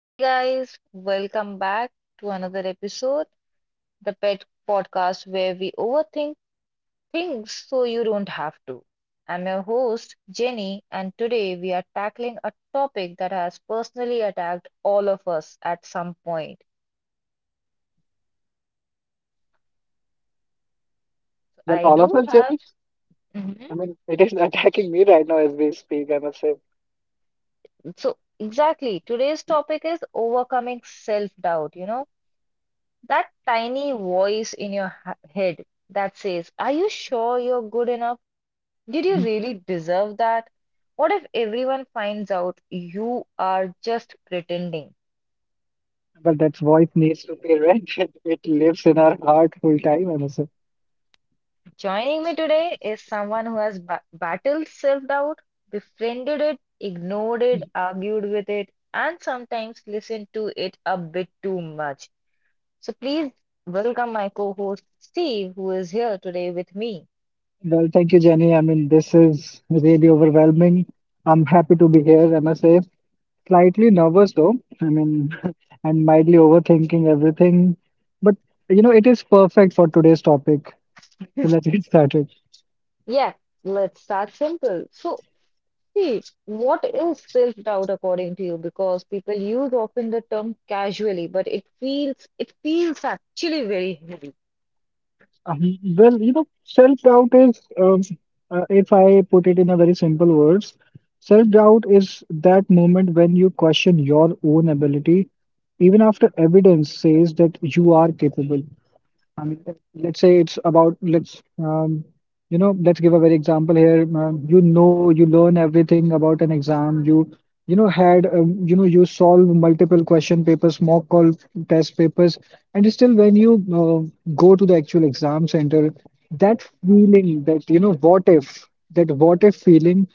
Hey guys, welcome back to another episode, the Pet Podcast, where we overthink things so you don't have to. I'm your host, Jenny, and today we are tackling a topic that has personally attacked all of us at some point. So, Then I all of do us, have, Jerry? Mhm. I mean, it is attacking me right now as we speak, I must say. So, exactly, today's topic is overcoming self-doubt, that tiny voice in your head that says, are you sure you're good enough? Did you Mm. really deserve that? What if everyone finds out you are just pretending? But that voice needs to be read. It lives in our heart full time, I must say. Joining me today is someone who has battled self doubt, befriended it, ignored it, argued with it, and sometimes listened to it a bit too much. So please welcome my co host Steve, who is here today with me. Well, thank you, Jenny. I mean, this is really overwhelming. I'm happy to be here, I must say. Slightly nervous, though. I mean, and mildly overthinking everything. But, you know, it is perfect for today's topic. So let's get started. Yeah, let's start simple. So, see, what is self-doubt according to you? Because people use often the term casually, but it feels actually very heavy. You know, self-doubt is, if I put it in a very simple words, self-doubt is that moment when you question your own ability, even after evidence says that you are capable. I mean, let's say it's about let's you know, let's give a very example here. You know, you learn everything about an exam. You know had, you know, you solve multiple question papers, mock call test papers, and still when you uh, go to the actual exam center, that feeling that you know, what if that what if feeling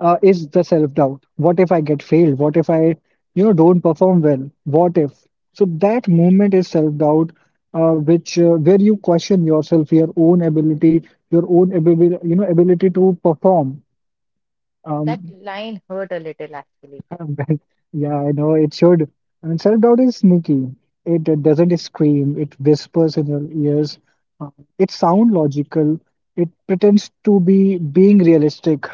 is the self-doubt. What if I get failed? What if I, you know, don't perform well? What if? So that moment is self-doubt, which where you question yourself, your own ability, you know, ability to perform. That Um, line hurt a little actually. yeah, I know it should. And self-doubt is sneaky. It doesn't scream. It whispers in your ears. Uh, it sound logical. It pretends to be being realistic.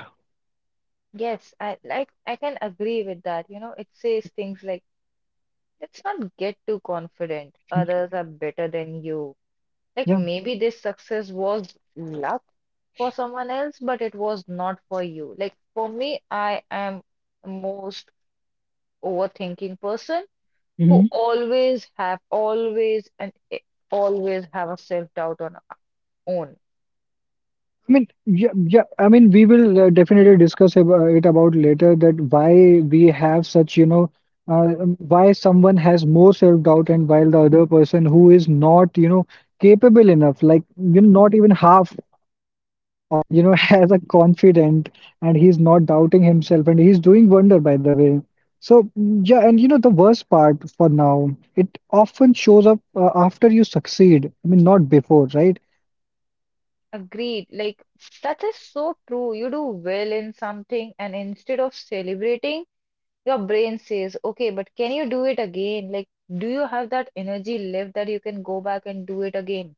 Yes, I can agree with that. You know, it says things like, let's not get too confident. Others are better than you. Like Yeah. maybe this success was luck for someone else, but it was not for you. Like for me, I am most overthinking person who Mm-hmm. always have always and I- always have a self-doubt on our own. I mean, yeah, yeah. I mean, we will definitely discuss it about later that why we have such, you know, why someone has more self-doubt and while the other person who is not, you know, capable enough, like you know, not even half of you, you know, has a confident and he's not doubting himself and he's doing wonder, by the way. So mm, yeah, and you know, the worst part for now, it often shows up after you succeed. I mean, not before, right? Agreed. Like that is so true. You do well in something, and instead of celebrating, your brain says, okay, but can you do it again? Like, do you have that energy left that you can go back and do it again?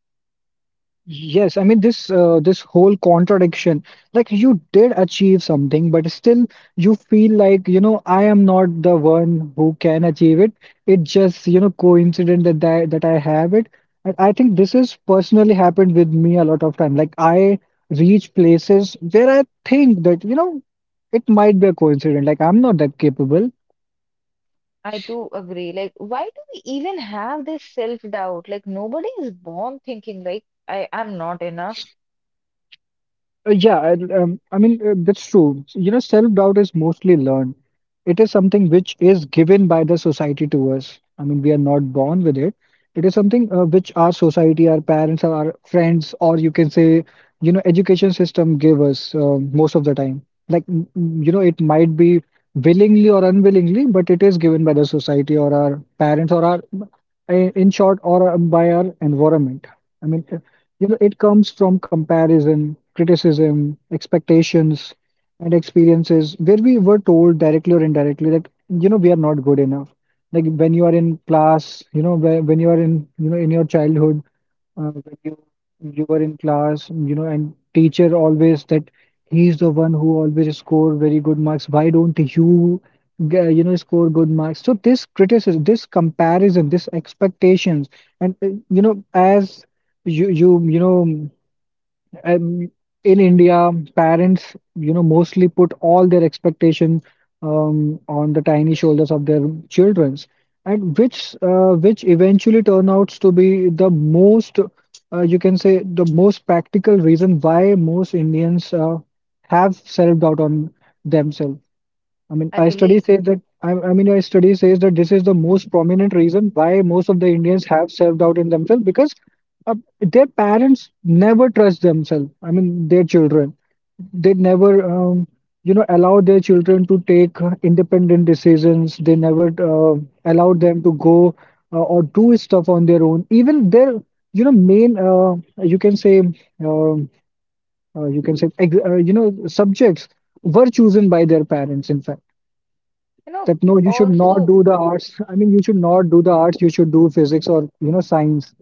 Yes, I mean this whole contradiction. Like you did achieve something, but still you feel like, you know, I am not the one who can achieve it. It just, you know, coincident that I have it. And I think this has personally happened with me a lot of time. Like I reach places where I think that, you know, it might be a coincidence. Like I'm not that capable. I do agree. Like, why do we even have this self-doubt? Like, nobody is born thinking like I am not enough. That's true. You know, self-doubt is mostly learned. It is something which is given by the society to us. I mean, we are not born with it. It is something which our society, our parents, or our friends, or you can say, you know, education system give us, most of the time. Like, you know, it might be willingly or unwillingly, but it is given by the society or our parents or our, in short, or by our environment. I mean, you know, it comes from comparison, criticism, expectations, and experiences where we were told directly or indirectly that, you know, we are not good enough. Like when you are in class, you know, when you are in, you know, in your childhood, when you were in class, you know, and teacher always that he's the one who always score very good marks. Why don't you, you know, score good marks? So this criticism, this comparison, this expectations, and you know, as you know, um, in India, parents, you know, mostly put all their expectation on the tiny shoulders of their childrens, and which eventually turn out to be the most, you can say, the most practical reason why most Indians have self-doubt on themselves. I mean, I believe, I mean, I study says that this is the most prominent reason why most of the Indians have self-doubt in themselves because their parents never trust themselves. I mean, their children. They never, you know, allow their children to take independent decisions. They never allow them to go or do stuff on their own. Even their, you know, main, you can say, um you can say, you know, subjects were chosen by their parents. In fact, you know, that no, you should not also. do the arts. I mean, you should not do the arts. You should do physics or, you know, science.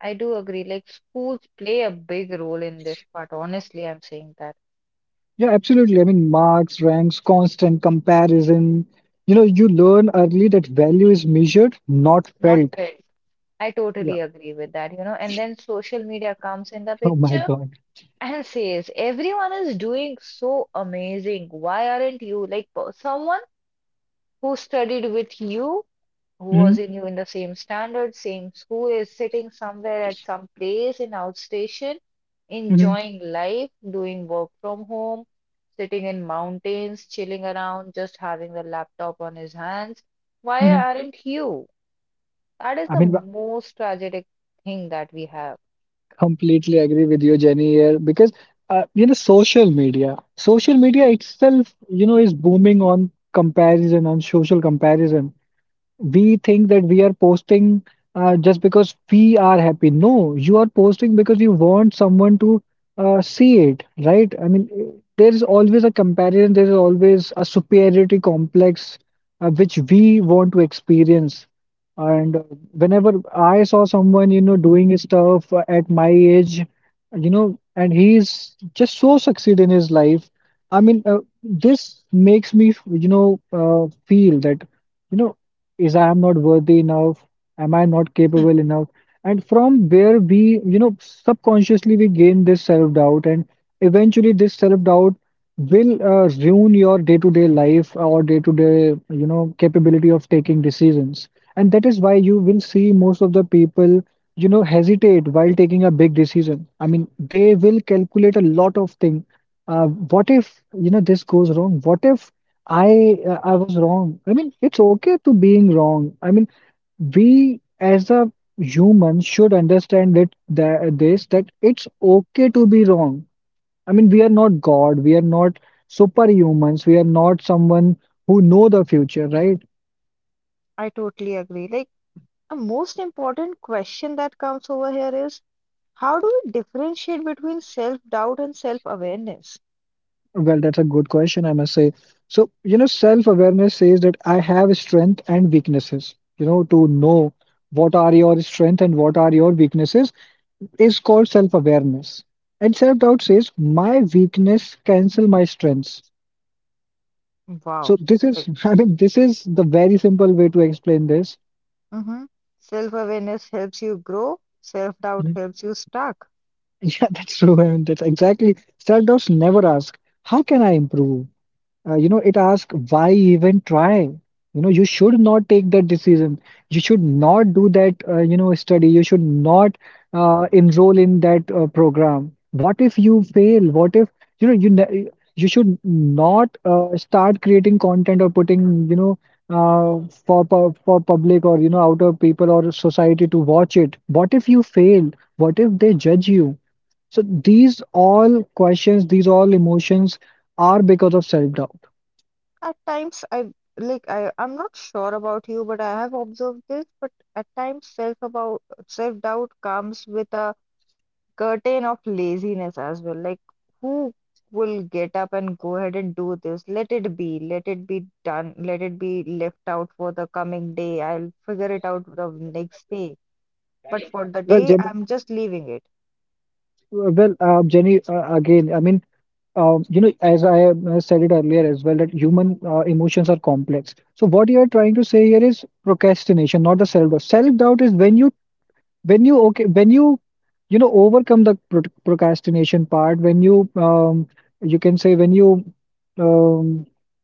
I do agree. Like schools play a big role in this part. Honestly, I'm saying that. Yeah, absolutely. I mean, marks, ranks, constant comparison. You know, you learn early that value is measured, not Not felt. felt. I Yeah. totally agree with that, you know. And then social media comes in the Oh my picture God. and says, everyone is doing so amazing. Why aren't you? Like someone who studied with you, who hmm was in you in the same standard, same school, is sitting somewhere at some place in outstation, hmm enjoying life, doing work from home, sitting in mountains, chilling around, just having the laptop on his hands. Why hmm aren't you? That is I the mean, I most tragic thing that we have. completely agree with you, Jenny, here because, you know, social media itself, you know, is booming on comparison, on social comparison. We think that we are posting just because we are happy. No, you are posting because you want someone to see it, right? I mean, there is always a comparison, there is always a superiority complex which we want to experience. And whenever I saw someone, you know, doing his stuff at my age, you know, and he's just so succeed in his life. I mean, this makes me, you know, feel that. You know, is I am not worthy enough? Am I not capable enough? And from where we, you know, subconsciously we gain this self-doubt, and eventually this self-doubt will ruin your day-to-day life or day-to-day, you know, capability of taking decisions. And that is why you will see most of the people, you know, hesitate while taking a big decision. I mean, they will calculate a lot of things. What if, you know, this goes wrong? What if I was wrong. I mean, it's okay to being wrong. I mean, we as a human should understand that, that this that it's okay to be wrong. I mean, we are not God. We are not superhumans. We are not someone who know the future, right? I totally agree. Like, a most important question that comes over here is how do we differentiate between self-doubt and self-awareness? Well, that's a good question, I must say. So, you know, self-awareness says that I have strength and weaknesses. You know, to know what are your strength and what are your weaknesses is called self-awareness. And self-doubt says, my weakness cancel my strengths. Wow. So this is, Like. I mean, this is the very simple way to explain this. Hmm Self-awareness helps you grow, self-doubt Mhm. helps you stuck. Yeah, that's true. I mean, that's exactly. Self-doubts never ask, how can I improve? You know, it asks, why even try? You know, you should not take that decision. You should not do that, you know, study. You should not enroll in that program. What if you fail? What if, you know, you should not start creating content or putting, you know, for public or, you know, outer people or society to watch it. What if you fail? What if they judge you? So these all questions, these all emotions are because of self-doubt. At times, I like I I'm not sure about you, but I have observed this. But at times, self-doubt comes with a curtain of laziness as well. Like who will get up and go ahead and do this? Let it be. Let it be done. Let it be left out for the coming day. I'll figure it out the next day. But for the Well, day, Jenny, I'm just leaving it. Jenny, again, I mean, you know, as I said it earlier as well, that human emotions are complex. So what you are trying to say here is procrastination, not the self-doubt. Self-doubt is when you, when you know, overcome the procrastination part, when you, you can say when you, um,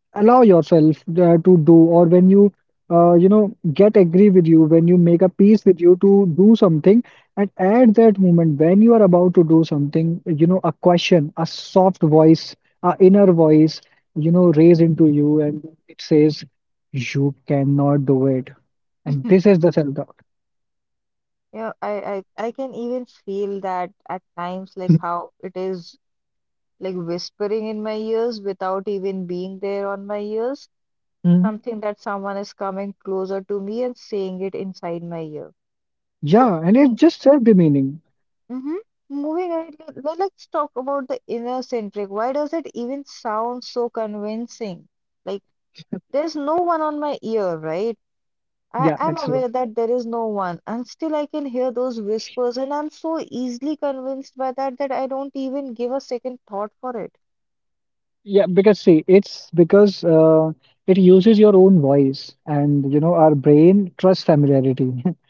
allow yourself to do or when you you know, get agree with you, when you make a peace with you to do something, and at that moment when you are about to do something, you know, a question, a soft voice, a inner voice, you know, raise into you and it says you cannot do it. And this is the self-doubt. Yeah, I can even feel that at times, like how it is like whispering in my ears without even being there on my ears, Hmm. something that someone is coming closer to me and saying it inside my ear. So, Yeah, and it's mm, just self-demeaning. mm-hmm. Moving ahead, let's talk about the inner centric. Why does it even sound so convincing? Like there's no one on my ear, right? I yeah am that's aware that there is no one, and still I can hear those whispers, and I'm so easily convinced by that that I don't even give a second thought for it. Yeah, because see, it's because it uses your own voice, and you know, our brain trusts familiarity.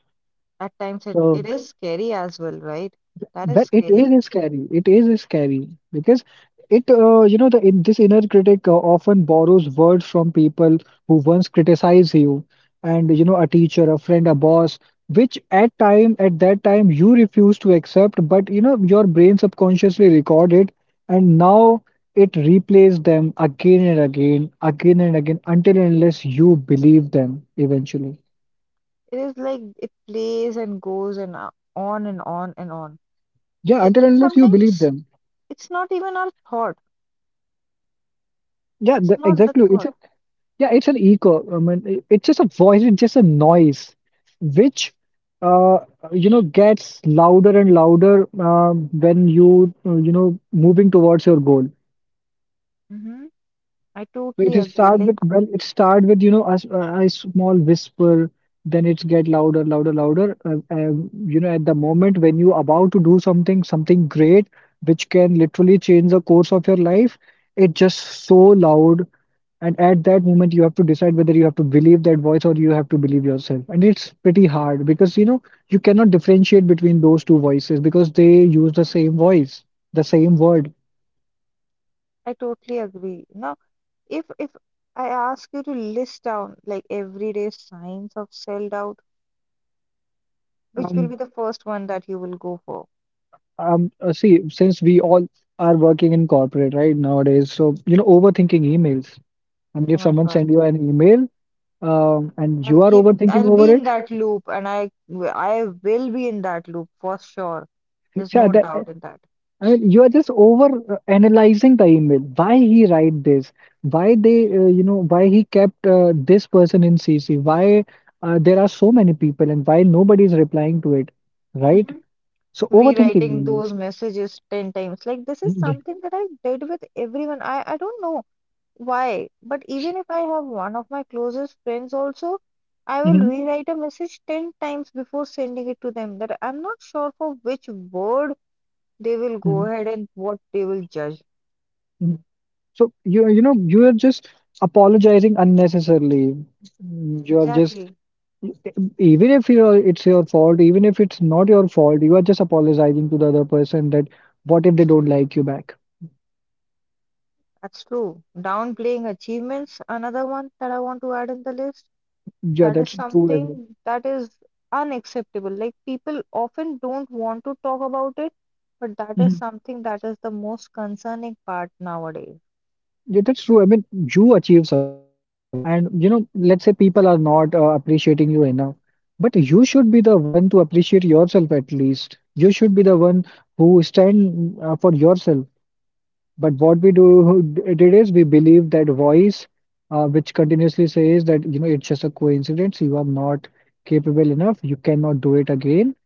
At times, it, So it is scary as well, right? That is well, it scary. is scary. It is scary because you know, this inner critic often borrows words from people who once criticize you, and you know, a teacher, a friend, a boss, which at that time you refuse to accept, but you know, your brain subconsciously recorded, and now it replays them again and again, until and unless you believe them eventually. It is like it plays and goes and on and on and on. Yeah, until And and unless you believe sometimes them. it's not even Yeah, it's the, not the exactly. It's thought. a Yeah, it's an echo. I mean, it's just a voice, it's just a noise, which uh, you know, gets louder and louder when you you know, moving towards your goal. Hmm I So totally agree. Like, it start with you know a small whisper, then it's get louder, louder, louder. You know, at the moment when you about to do something, something great, which can literally change the course of your life, it's just so loud. And at that moment, you have to decide whether you have to believe that voice or you have to believe yourself. And it's pretty hard because, you know, you cannot differentiate between those two voices because they use the same voice, the same word. I totally agree. Now, if I ask you to list down like everyday signs of self-doubt, which will be Um, the first one that you will go for? See, since we all are working in corporate, right, nowadays, so, you know, overthinking emails. I mean, Oh if my someone God. send you an email, and you are overthinking I'll be over in it, that loop and I will be in that loop for sure. There's yeah, no that, doubt in that. I mean, you are just over analyzing the email. Why he write this? Why they, you know, why he kept this person in CC? Why there are so many people and why nobody is replying to it, right? Mhm. So overthinking Rewriting those emails. messages 10 times. Like, this is Yeah. something that I did with everyone. I don't know why, but even if I have one of my closest friends also, I will Mhm, rewrite a message 10 times before sending it to them that I'm not sure for which word they will go mhm, ahead and what they will judge. mhm. So you know you are just apologizing unnecessarily. Mm. You are just Exactly. even if you're, it's your fault, even if it's not your fault, you are just apologizing to the other person that what if they don't like you back? That's true. Downplaying achievements, another one that I want to add in the list, Yeah, that is that's true as well. something that is unacceptable. Like people often don't want to talk about it, but that is Mhm. something that is the most concerning part nowadays. Yeah, that's true. I mean, you achieve something, and you know, let's say people are not appreciating you enough, but you should be the one to appreciate yourself at least. You should be the one who stand for yourself. But what we do did is we believe that voice, which continuously says that you know it's just a coincidence, you are not capable enough, you cannot do it again,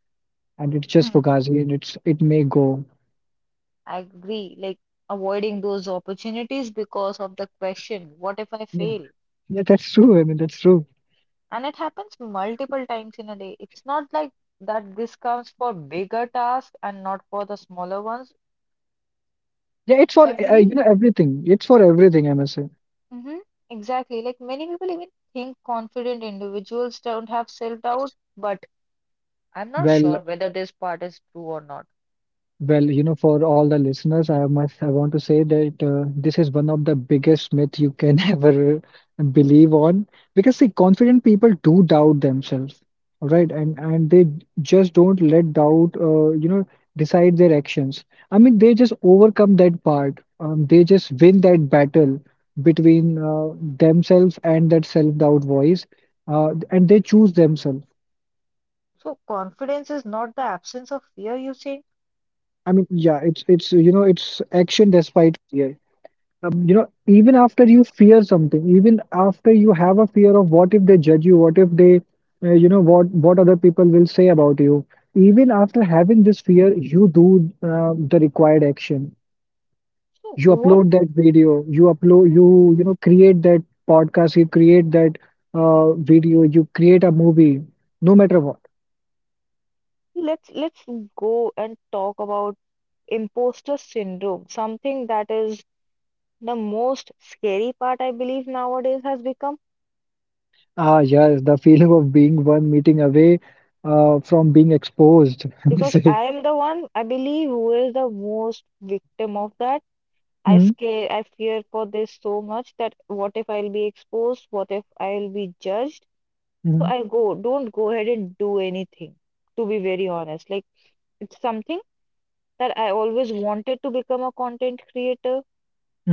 and it's just Hmm. fugazi, and it's it may go. I agree, like avoiding those opportunities because of the question, what if I Yeah, fail? yeah, that's true. I mean, that's true. And it happens multiple times in a day. It's not like that this comes for bigger tasks and not for the smaller ones. Yeah, it's I for you believe. know everything. It's for everything, I must say. Hmm Exactly. Like many people even think confident individuals don't have self-doubt, but I'm not sure Well, whether this part is true or not. well, you know, for all the listeners, I want to say that this is one of the biggest myth you can ever believe on because see, confident people do doubt themselves, all right, and they just don't let doubt, you know, decide their actions. I mean, they just overcome that part. They just win that battle between themselves and that self-doubt voice, and they choose themselves. So confidence is not the absence of fear, you say? I mean, yeah, it's you know, it's action despite fear. You know, even after you fear something, even after you have a fear of what if they judge you, what if they, you know, what other people will say about you. Even after having this fear, you do the required action. So You upload what? that video. You upload Mhm. you know create that podcast. You create that video. You create a movie. No matter what. Let's go and talk about imposter syndrome, something that is the most scary part I believe nowadays has become Ah, yes, the feeling of being one meeting away from being exposed. I because say. I am the one I believe who is the most victim of that. I Mm-hmm, scare, I fear for this so much that what if I'll be exposed? What if I'll be judged? So mm-hmm, I go, don't go ahead and do anything, to be very honest. Like it's something that I always wanted to become a content creator,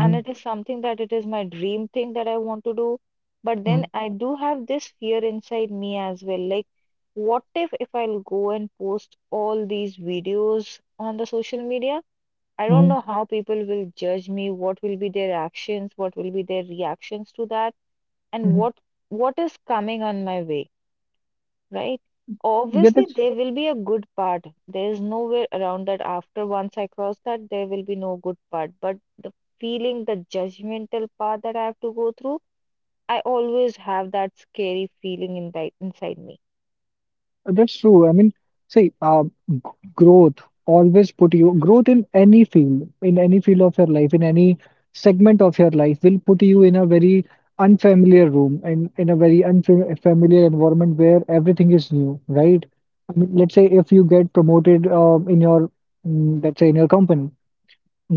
and it is something that it is my dream thing that I want to do. But then I do have this fear inside me as well. Like, what if I'll go and post all these videos on the social media? I don't mm-hmm, know how people will judge me, what will be their actions, what will be their reactions to that, and hmm. What is coming on my way, right? Yeah, Obviously, that's there will be a good part. There is nowhere around that after once I cross that, there will be no good part. But the feeling, the judgmental part that I have to go through, I always have that scary feeling in that, inside me. that's true. I mean, see, g- growth always put you growth in any field of your life, in any segment of your life will put you in a very unfamiliar room and in a very unfamiliar environment where everything is new, right? I mean, let's say if you get promoted in your, let's say in your company,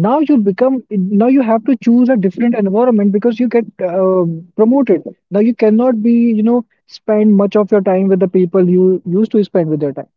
now you become, now you have to choose a different environment because you get promoted. Now you cannot be you know spend much of your time with the people you used to spend with your time.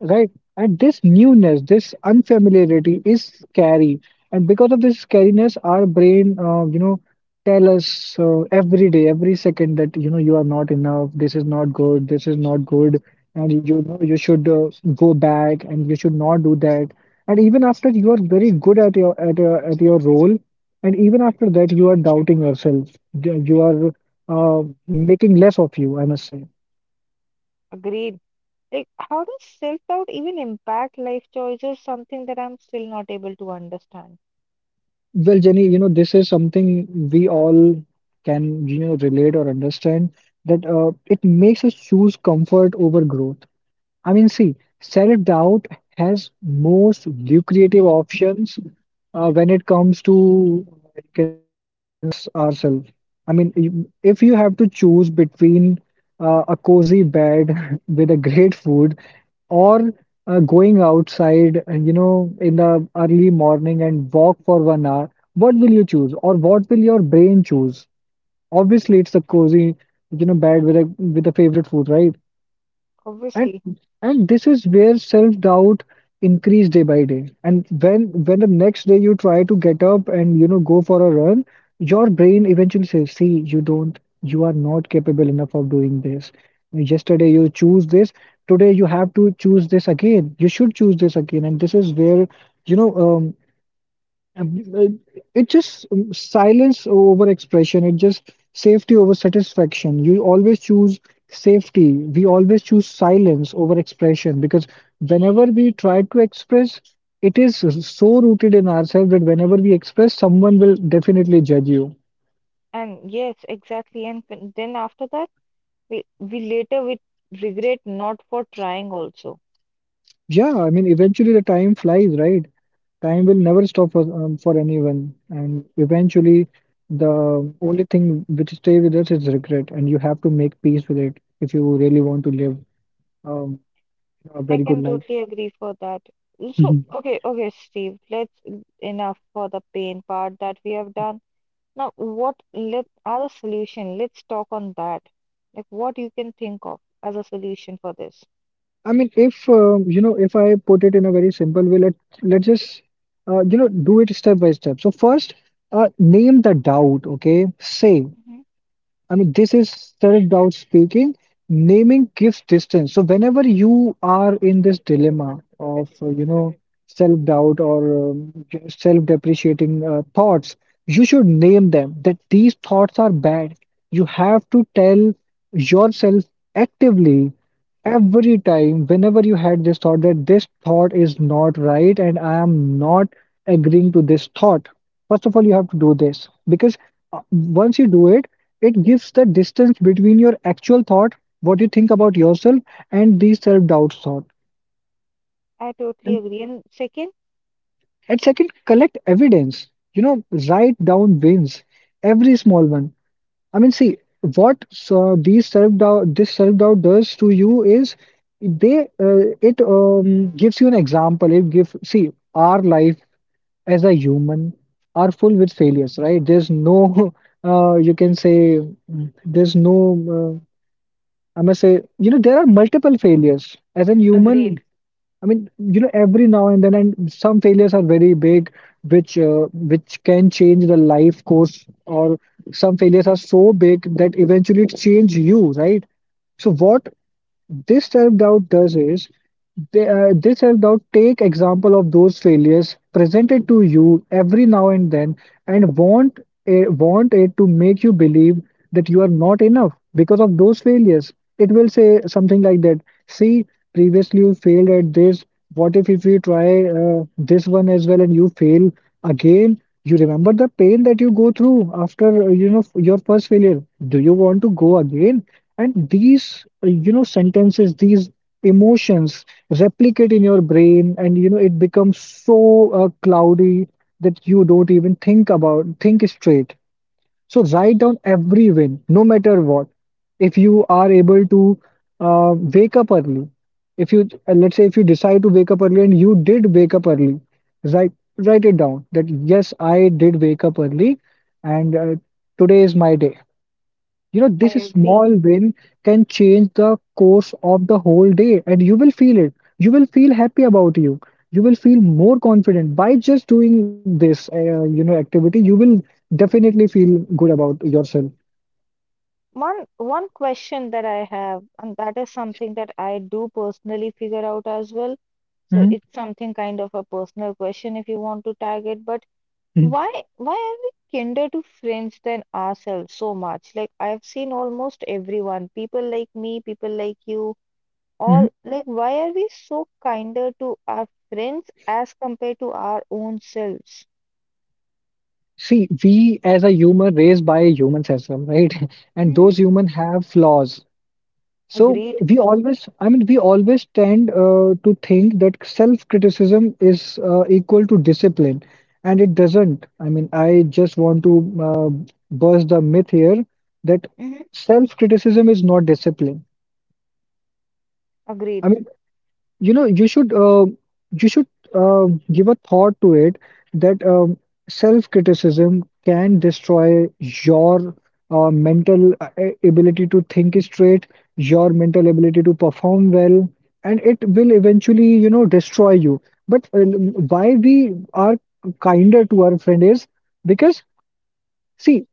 Right. And this newness, this unfamiliarity is scary. And because of this scariness, our brain, you know, tell us every day, every second that, you know, you are not enough, this is not good, this is not good, and you know, you should go back and you should not do that. And even after you are very good at your role, and even after that, you are doubting yourself. You are making less of you, I must say. Agreed. Like, how does self-doubt even impact life choices? Something that I'm still not able to understand. Well, Jenny, you know, this is something we all can, you know, relate or understand that it makes us choose comfort over growth. I mean, see, self-doubt has most lucrative options when it comes to you can say convince ourselves. I mean if you have to choose between a cozy bed with a great food or going outside you know in the early morning and walk for 1 hour, what will you choose or what will your brain choose? Obviously it's a cozy you know bed with a favorite food, right? and Obviously. and this is where self-doubt increase day by day. And when the next day you try to get up and you know go for a run, your brain eventually says, see, you don't, you are not capable enough of doing this. Yesterday you choose this, today you have to choose this again, you should choose this again. And this is where you know um, uh, it just silence over expression. It just safety over satisfaction. You always choose safety. We always choose silence over expression because whenever we try to express, it is so rooted in ourselves that whenever we express, someone will definitely judge you. And yes, exactly. And when- then after that, we later we regret not for trying also. Yeah, I mean, eventually the time flies, right? Time will never stop for anyone, and eventually, the only thing which stay with us is regret, and you have to make peace with it if you really want to live um, a I very good can life. totally agree for that. So, okay, okay, Steve, let's enough for the pain part that we have done. Now, what let are the solution? Let's talk on that. Like what you can think of as a solution for this. I mean, if you know, if I put it in a very simple way, let's just you know do it step by step. So first, name the doubt. Okay, say, Mhm. I mean, this is Sarif Daud speaking. Naming gives distance. So whenever you are in this dilemma of, you know, self-doubt or self-depreciating thoughts, you should name them that these thoughts are bad. You have to tell yourself actively every time, whenever you had this thought, that this thought is not right and I am not agreeing to this thought. First of all, you have to do this because once you do it, it gives the distance between your actual thought, what you think about yourself, and these self doubt thought. I totally And, agree. And second, and second, collect evidence. You know, write down wins, every small one. I mean, see what these self doubt, this self doubt does to you is they it gives you an example. It gives, see, our life as a human are full with failures, right? There's no you can say there's no uh, I must say, you know, there are multiple failures. As a human, agreed. I mean, you know, every now and then, and some failures are very big, which can change the life course, or some failures are so big that eventually it change you, right? So what this self-doubt does is, they, this self-doubt take example of those failures presented to you every now and then and want it to make you believe that you are not enough because of those failures. It will say something like that. See, previously you failed at this. What if you try this one as well and you fail again? You remember the pain that you go through after you know your first failure. Do you want to go again? And these, you know, sentences, these emotions replicate in your brain, and you know, it becomes so cloudy that you don't even think about, think straight. So write down every win, no matter what. If you are able to wake up early, if you, let's say, if you decide to wake up early and you did wake up early, write write it down that yes, I did wake up early, and today is my day. You know, I this agree. small win can change the course of the whole day, and you will feel it. You will feel happy about you. You will feel more confident by just doing this, you know, activity. You will definitely feel good about yourself. One one question that I have, and that is something that I do personally figure out as well. So Mhm. it's something kind of a personal question if you want to tag it, but Mhm. why are we kinder to friends than ourselves so much? Like I've seen almost everyone, people like me, people like you, Mhm. all like why are we so kinder to our friends as compared to our own selves? See, we as a human raised by humans as well, right? And Hmm. those humans have flaws. So Agreed. we always, I mean, we always tend to think that self-criticism is equal to discipline, and it doesn't. I mean, I just want to burst the myth here that Mhm. self-criticism is not discipline. Agreed. I mean you know you should you should uh, give a thought to it that self-criticism can destroy your mental ability to think straight, your mental ability to perform well, and it will eventually you know destroy you. But why we are kinder to our friend is because see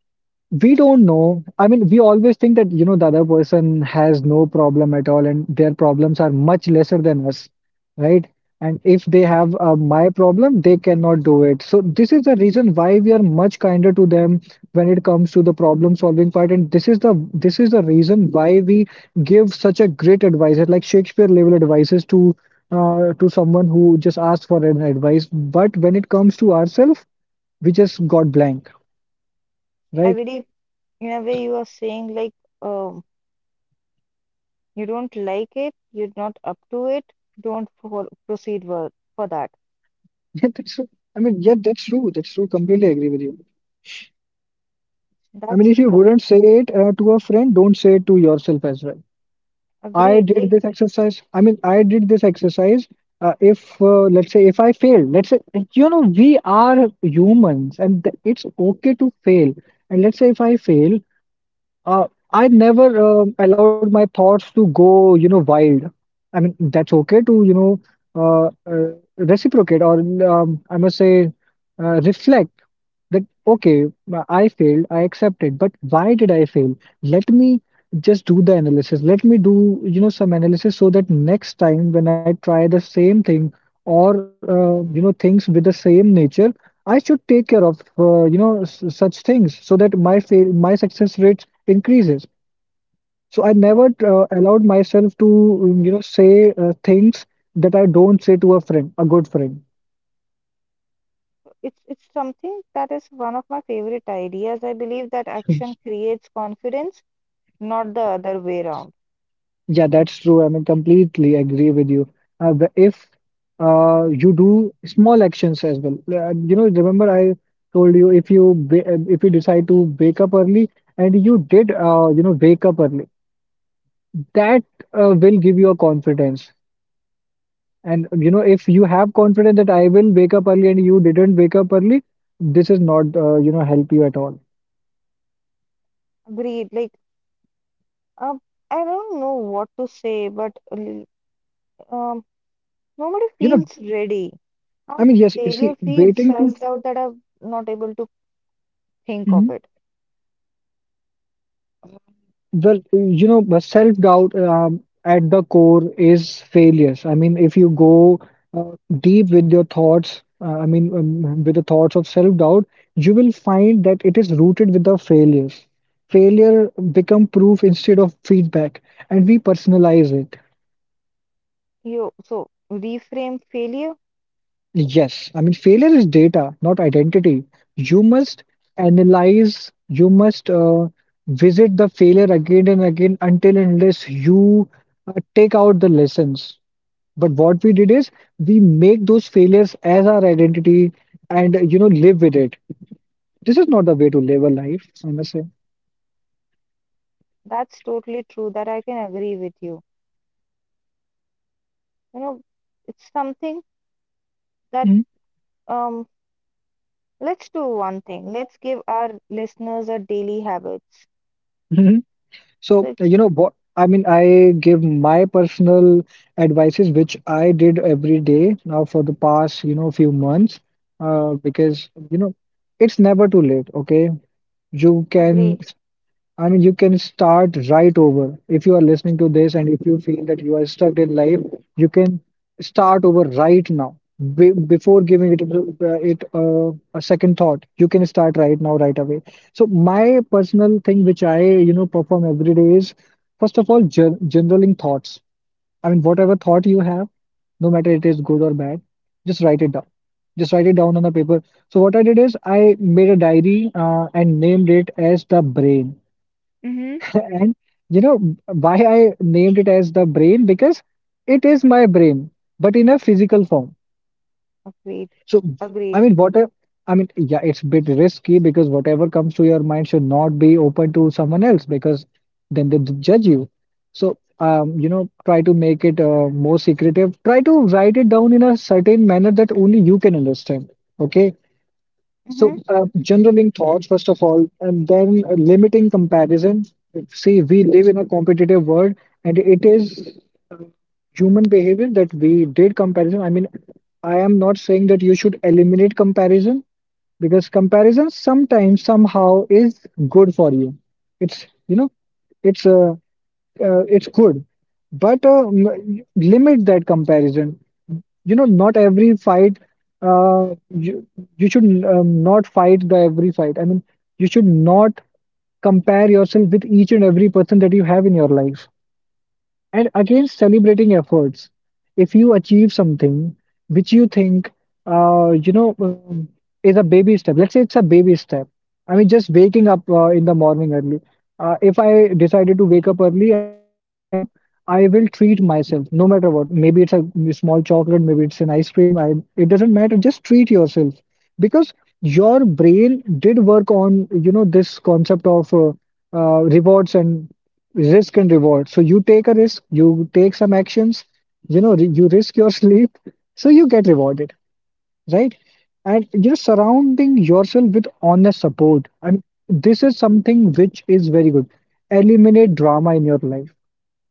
we don't know. I mean, we always think that, you know, the other person has no problem at all and their problems are much lesser than us, right? And if they have my problem, they cannot do it. So this is the reason why we are much kinder to them when it comes to the problem solving part. And this is the reason why we give such a great advice, like Shakespeare level advices to someone who just asks for an advice. But when it comes to ourselves, we just got blank, So, I right? believe in a way you are saying like um you don't like it, you're not up to it, don't for, proceed for that. Yeah, that's true. I mean, yeah, that's true. That's true. Completely agree with you. I mean, That's if you that, wouldn't say it to a friend, don't say it to yourself as well. Agreed. Like, I did this exercise. If let's say if I failed, let's say like, you know we are humans, and th it's okay to fail. And let's say if I fail, Uh, I never allowed my thoughts to go, you know, wild. I mean, that's okay to, you know, uh, uh, reciprocate or I must say, reflect that, okay, I failed, I accept it, but why did I fail? Let me just do the analysis. Let me do, you know, some analysis so that next time when I try the same thing or, you know, things with the same nature, I should take care of, you know, s such things so that my success rate increases. So I you never know, allowed myself to, you know, say things that I don't say to a friend, a good friend. it's something that is one of my favorite ideas. I believe that action creates confidence, not the other way around. Yeah, that's true. I mean, completely agree with you. If you do small actions as well, you know, remember I told you if you if you decide to wake up early and you did, you know, wake up early, that will give you a confidence. And you know, if you have confidence that I will wake up early and you didn't wake up early, this is not, you know, help you at all. Agreed. Like, um, I don't know what to say, but l- um, nobody You know, feels ready. How I do mean, yes, you failure see, feed waiting to, self-doubt that I'm not able to think of mhm, it? well, you know, but self-doubt at the core is failures. I mean, if you go deep with your thoughts, I mean, with the thoughts of self-doubt, you will find that it is rooted with the failures. Failure become proof instead of feedback, and we personalize it. You so reframe failure. Yes, I mean, failure is data, not identity. You must analyze, you must visit the failure again and again until and unless you take out the lessons. But what we did is we make those failures as our identity and, you know, live with it. This is not the way to live a life, I must say. That's totally true. That I can agree with you. You know, it's something that, Mhm. um let's do one thing. Let's give our listeners a daily habits. So, So it's you know what? I mean, I give my personal advices, which I did every day now for the past, you know, few months, because, you know, it's never too late, okay? You can agreed. I mean, you can start right over. If you are listening to this and if you feel that you are stuck in life, you can start over right now. Be Before giving it, a second thought, you can start right now, right away. So my personal thing, which I, you know, perform every day is, first of all, generaling thoughts. I mean, whatever thought you have, no matter it is good or bad, just write it down. Just write it down on the paper. So what I did is I made a diary and named it as the brain. Mm-hmm. And you know why I named it as the brain? Because it is my brain, but in a physical form. Agreed, So I agreed. mean, what a, I mean, yeah, it's a bit risky because whatever comes to your mind should not be open to someone else because then they judge you. So you know, try to make it more secretive. Try to write it down in a certain manner that only you can understand. Okay. Mm-hmm. So, generaling thoughts, first of all, and then limiting comparison. See, we live in a competitive world, and it is uh, human behavior that we did comparison. I mean, I am not saying that you should eliminate comparison because comparison sometimes, somehow, is good for you. It's, you know, it's uh, it's good, but limit that comparison. You know, not every fight. Uh, you you should not fight the every fight. I mean, you should not compare yourself with each and every person that you have in your life. And again, celebrating efforts. If you achieve something which you think, you know, is a baby step, let's say it's a baby step. I mean, just waking up in the morning early. If I decided to wake up early and I did wake up, I will treat myself no matter what. Maybe it's a small chocolate, maybe it's an ice cream. It doesn't matter. Just treat yourself because your brain did work on, you know, this concept of rewards and risk and reward. So you take a risk, you take some actions, you know, you risk your sleep, so you get rewarded, right? And you're surrounding yourself with honest support. I mean, this is something which is very good. Eliminate drama in your life.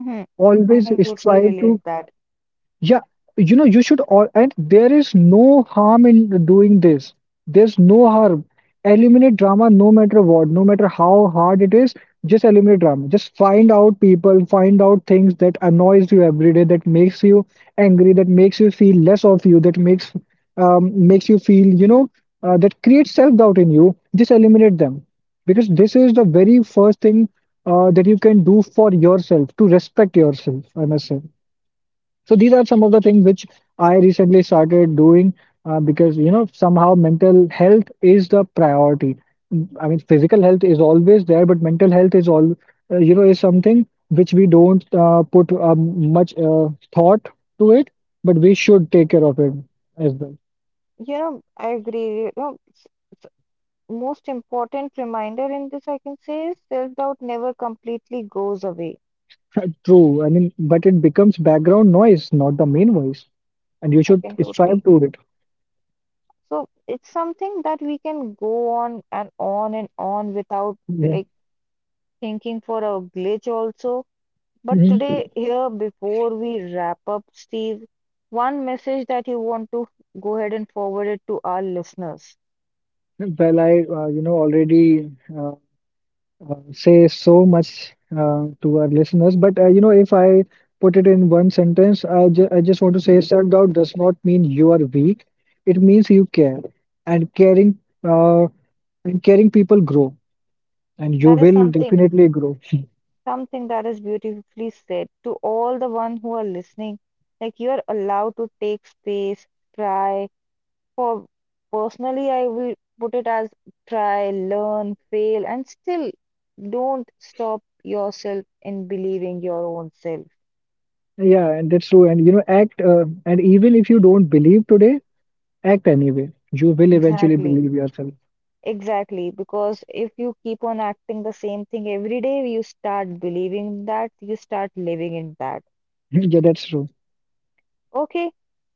Mm-hmm. I Always can totally strive to relate that. yeah, you know, you should all, and there is no harm in doing this. There's no harm. Eliminate drama no matter what, no matter how hard it is, just eliminate drama. Just find out people, find out things that annoys you every day, that makes you angry, that makes you feel less of you, that makes makes you feel, you know, that creates self-doubt in you. Just eliminate them. Because this is the very first thing that you can do for yourself, to respect yourself, I must say. So these are some of the things which I recently started doing because you know somehow mental health is the priority. Mm, I mean, physical health is always there, but mental health is all you know is something which we don't put much thought to it, but we should take care of it as well. You know, I agree. You know, s- most important reminder in this I can say is self-doubt never completely goes away. True. I mean, but it becomes background noise, not the main voice, and you I should can strive totally. to it. So it's something that we can go on and on and on without Yeah. like thinking for a glitch also. But Mhm. today, here before we wrap up, Steve, one message that you want to go ahead and forward it to our listeners. Well, I you know already. uh, say so much to our listeners. But you know, if I put it in one sentence, I just want to say self-doubt does not mean you are weak. It means you care, and caring uh, and caring people grow, and you That is will something, definitely grow. something that is beautifully said to all the one who are listening. Like you're allowed to take space, try. For personally, I will put it as try, learn, fail, and still don't stop yourself in believing your own self. Yeah, and that's true. And you know, act and even if you don't believe today, act anyway. You will eventually Exactly. believe yourself. Exactly, because if you keep on acting the same thing every day, you start believing that, you start living in that. Yeah, that's true. Okay,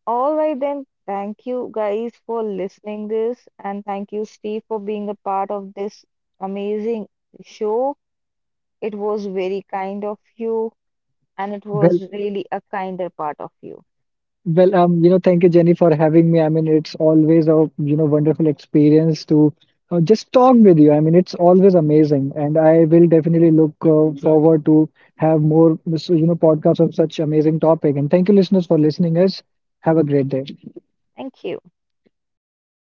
all right then. Thank you guys for listening this, and thank you Steve for being a part of this amazing show. It was very kind of you, and it Well was really a kinder part of you. Well, you know, thank you, Jenny, for having me. I mean, it's always a, you know, wonderful experience to just talk with you. I mean, it's always amazing, and I will definitely look forward to have more, so, you know, podcasts on such amazing topic. And thank you, listeners, for listening us. Have a great day. Thank Thank you. you.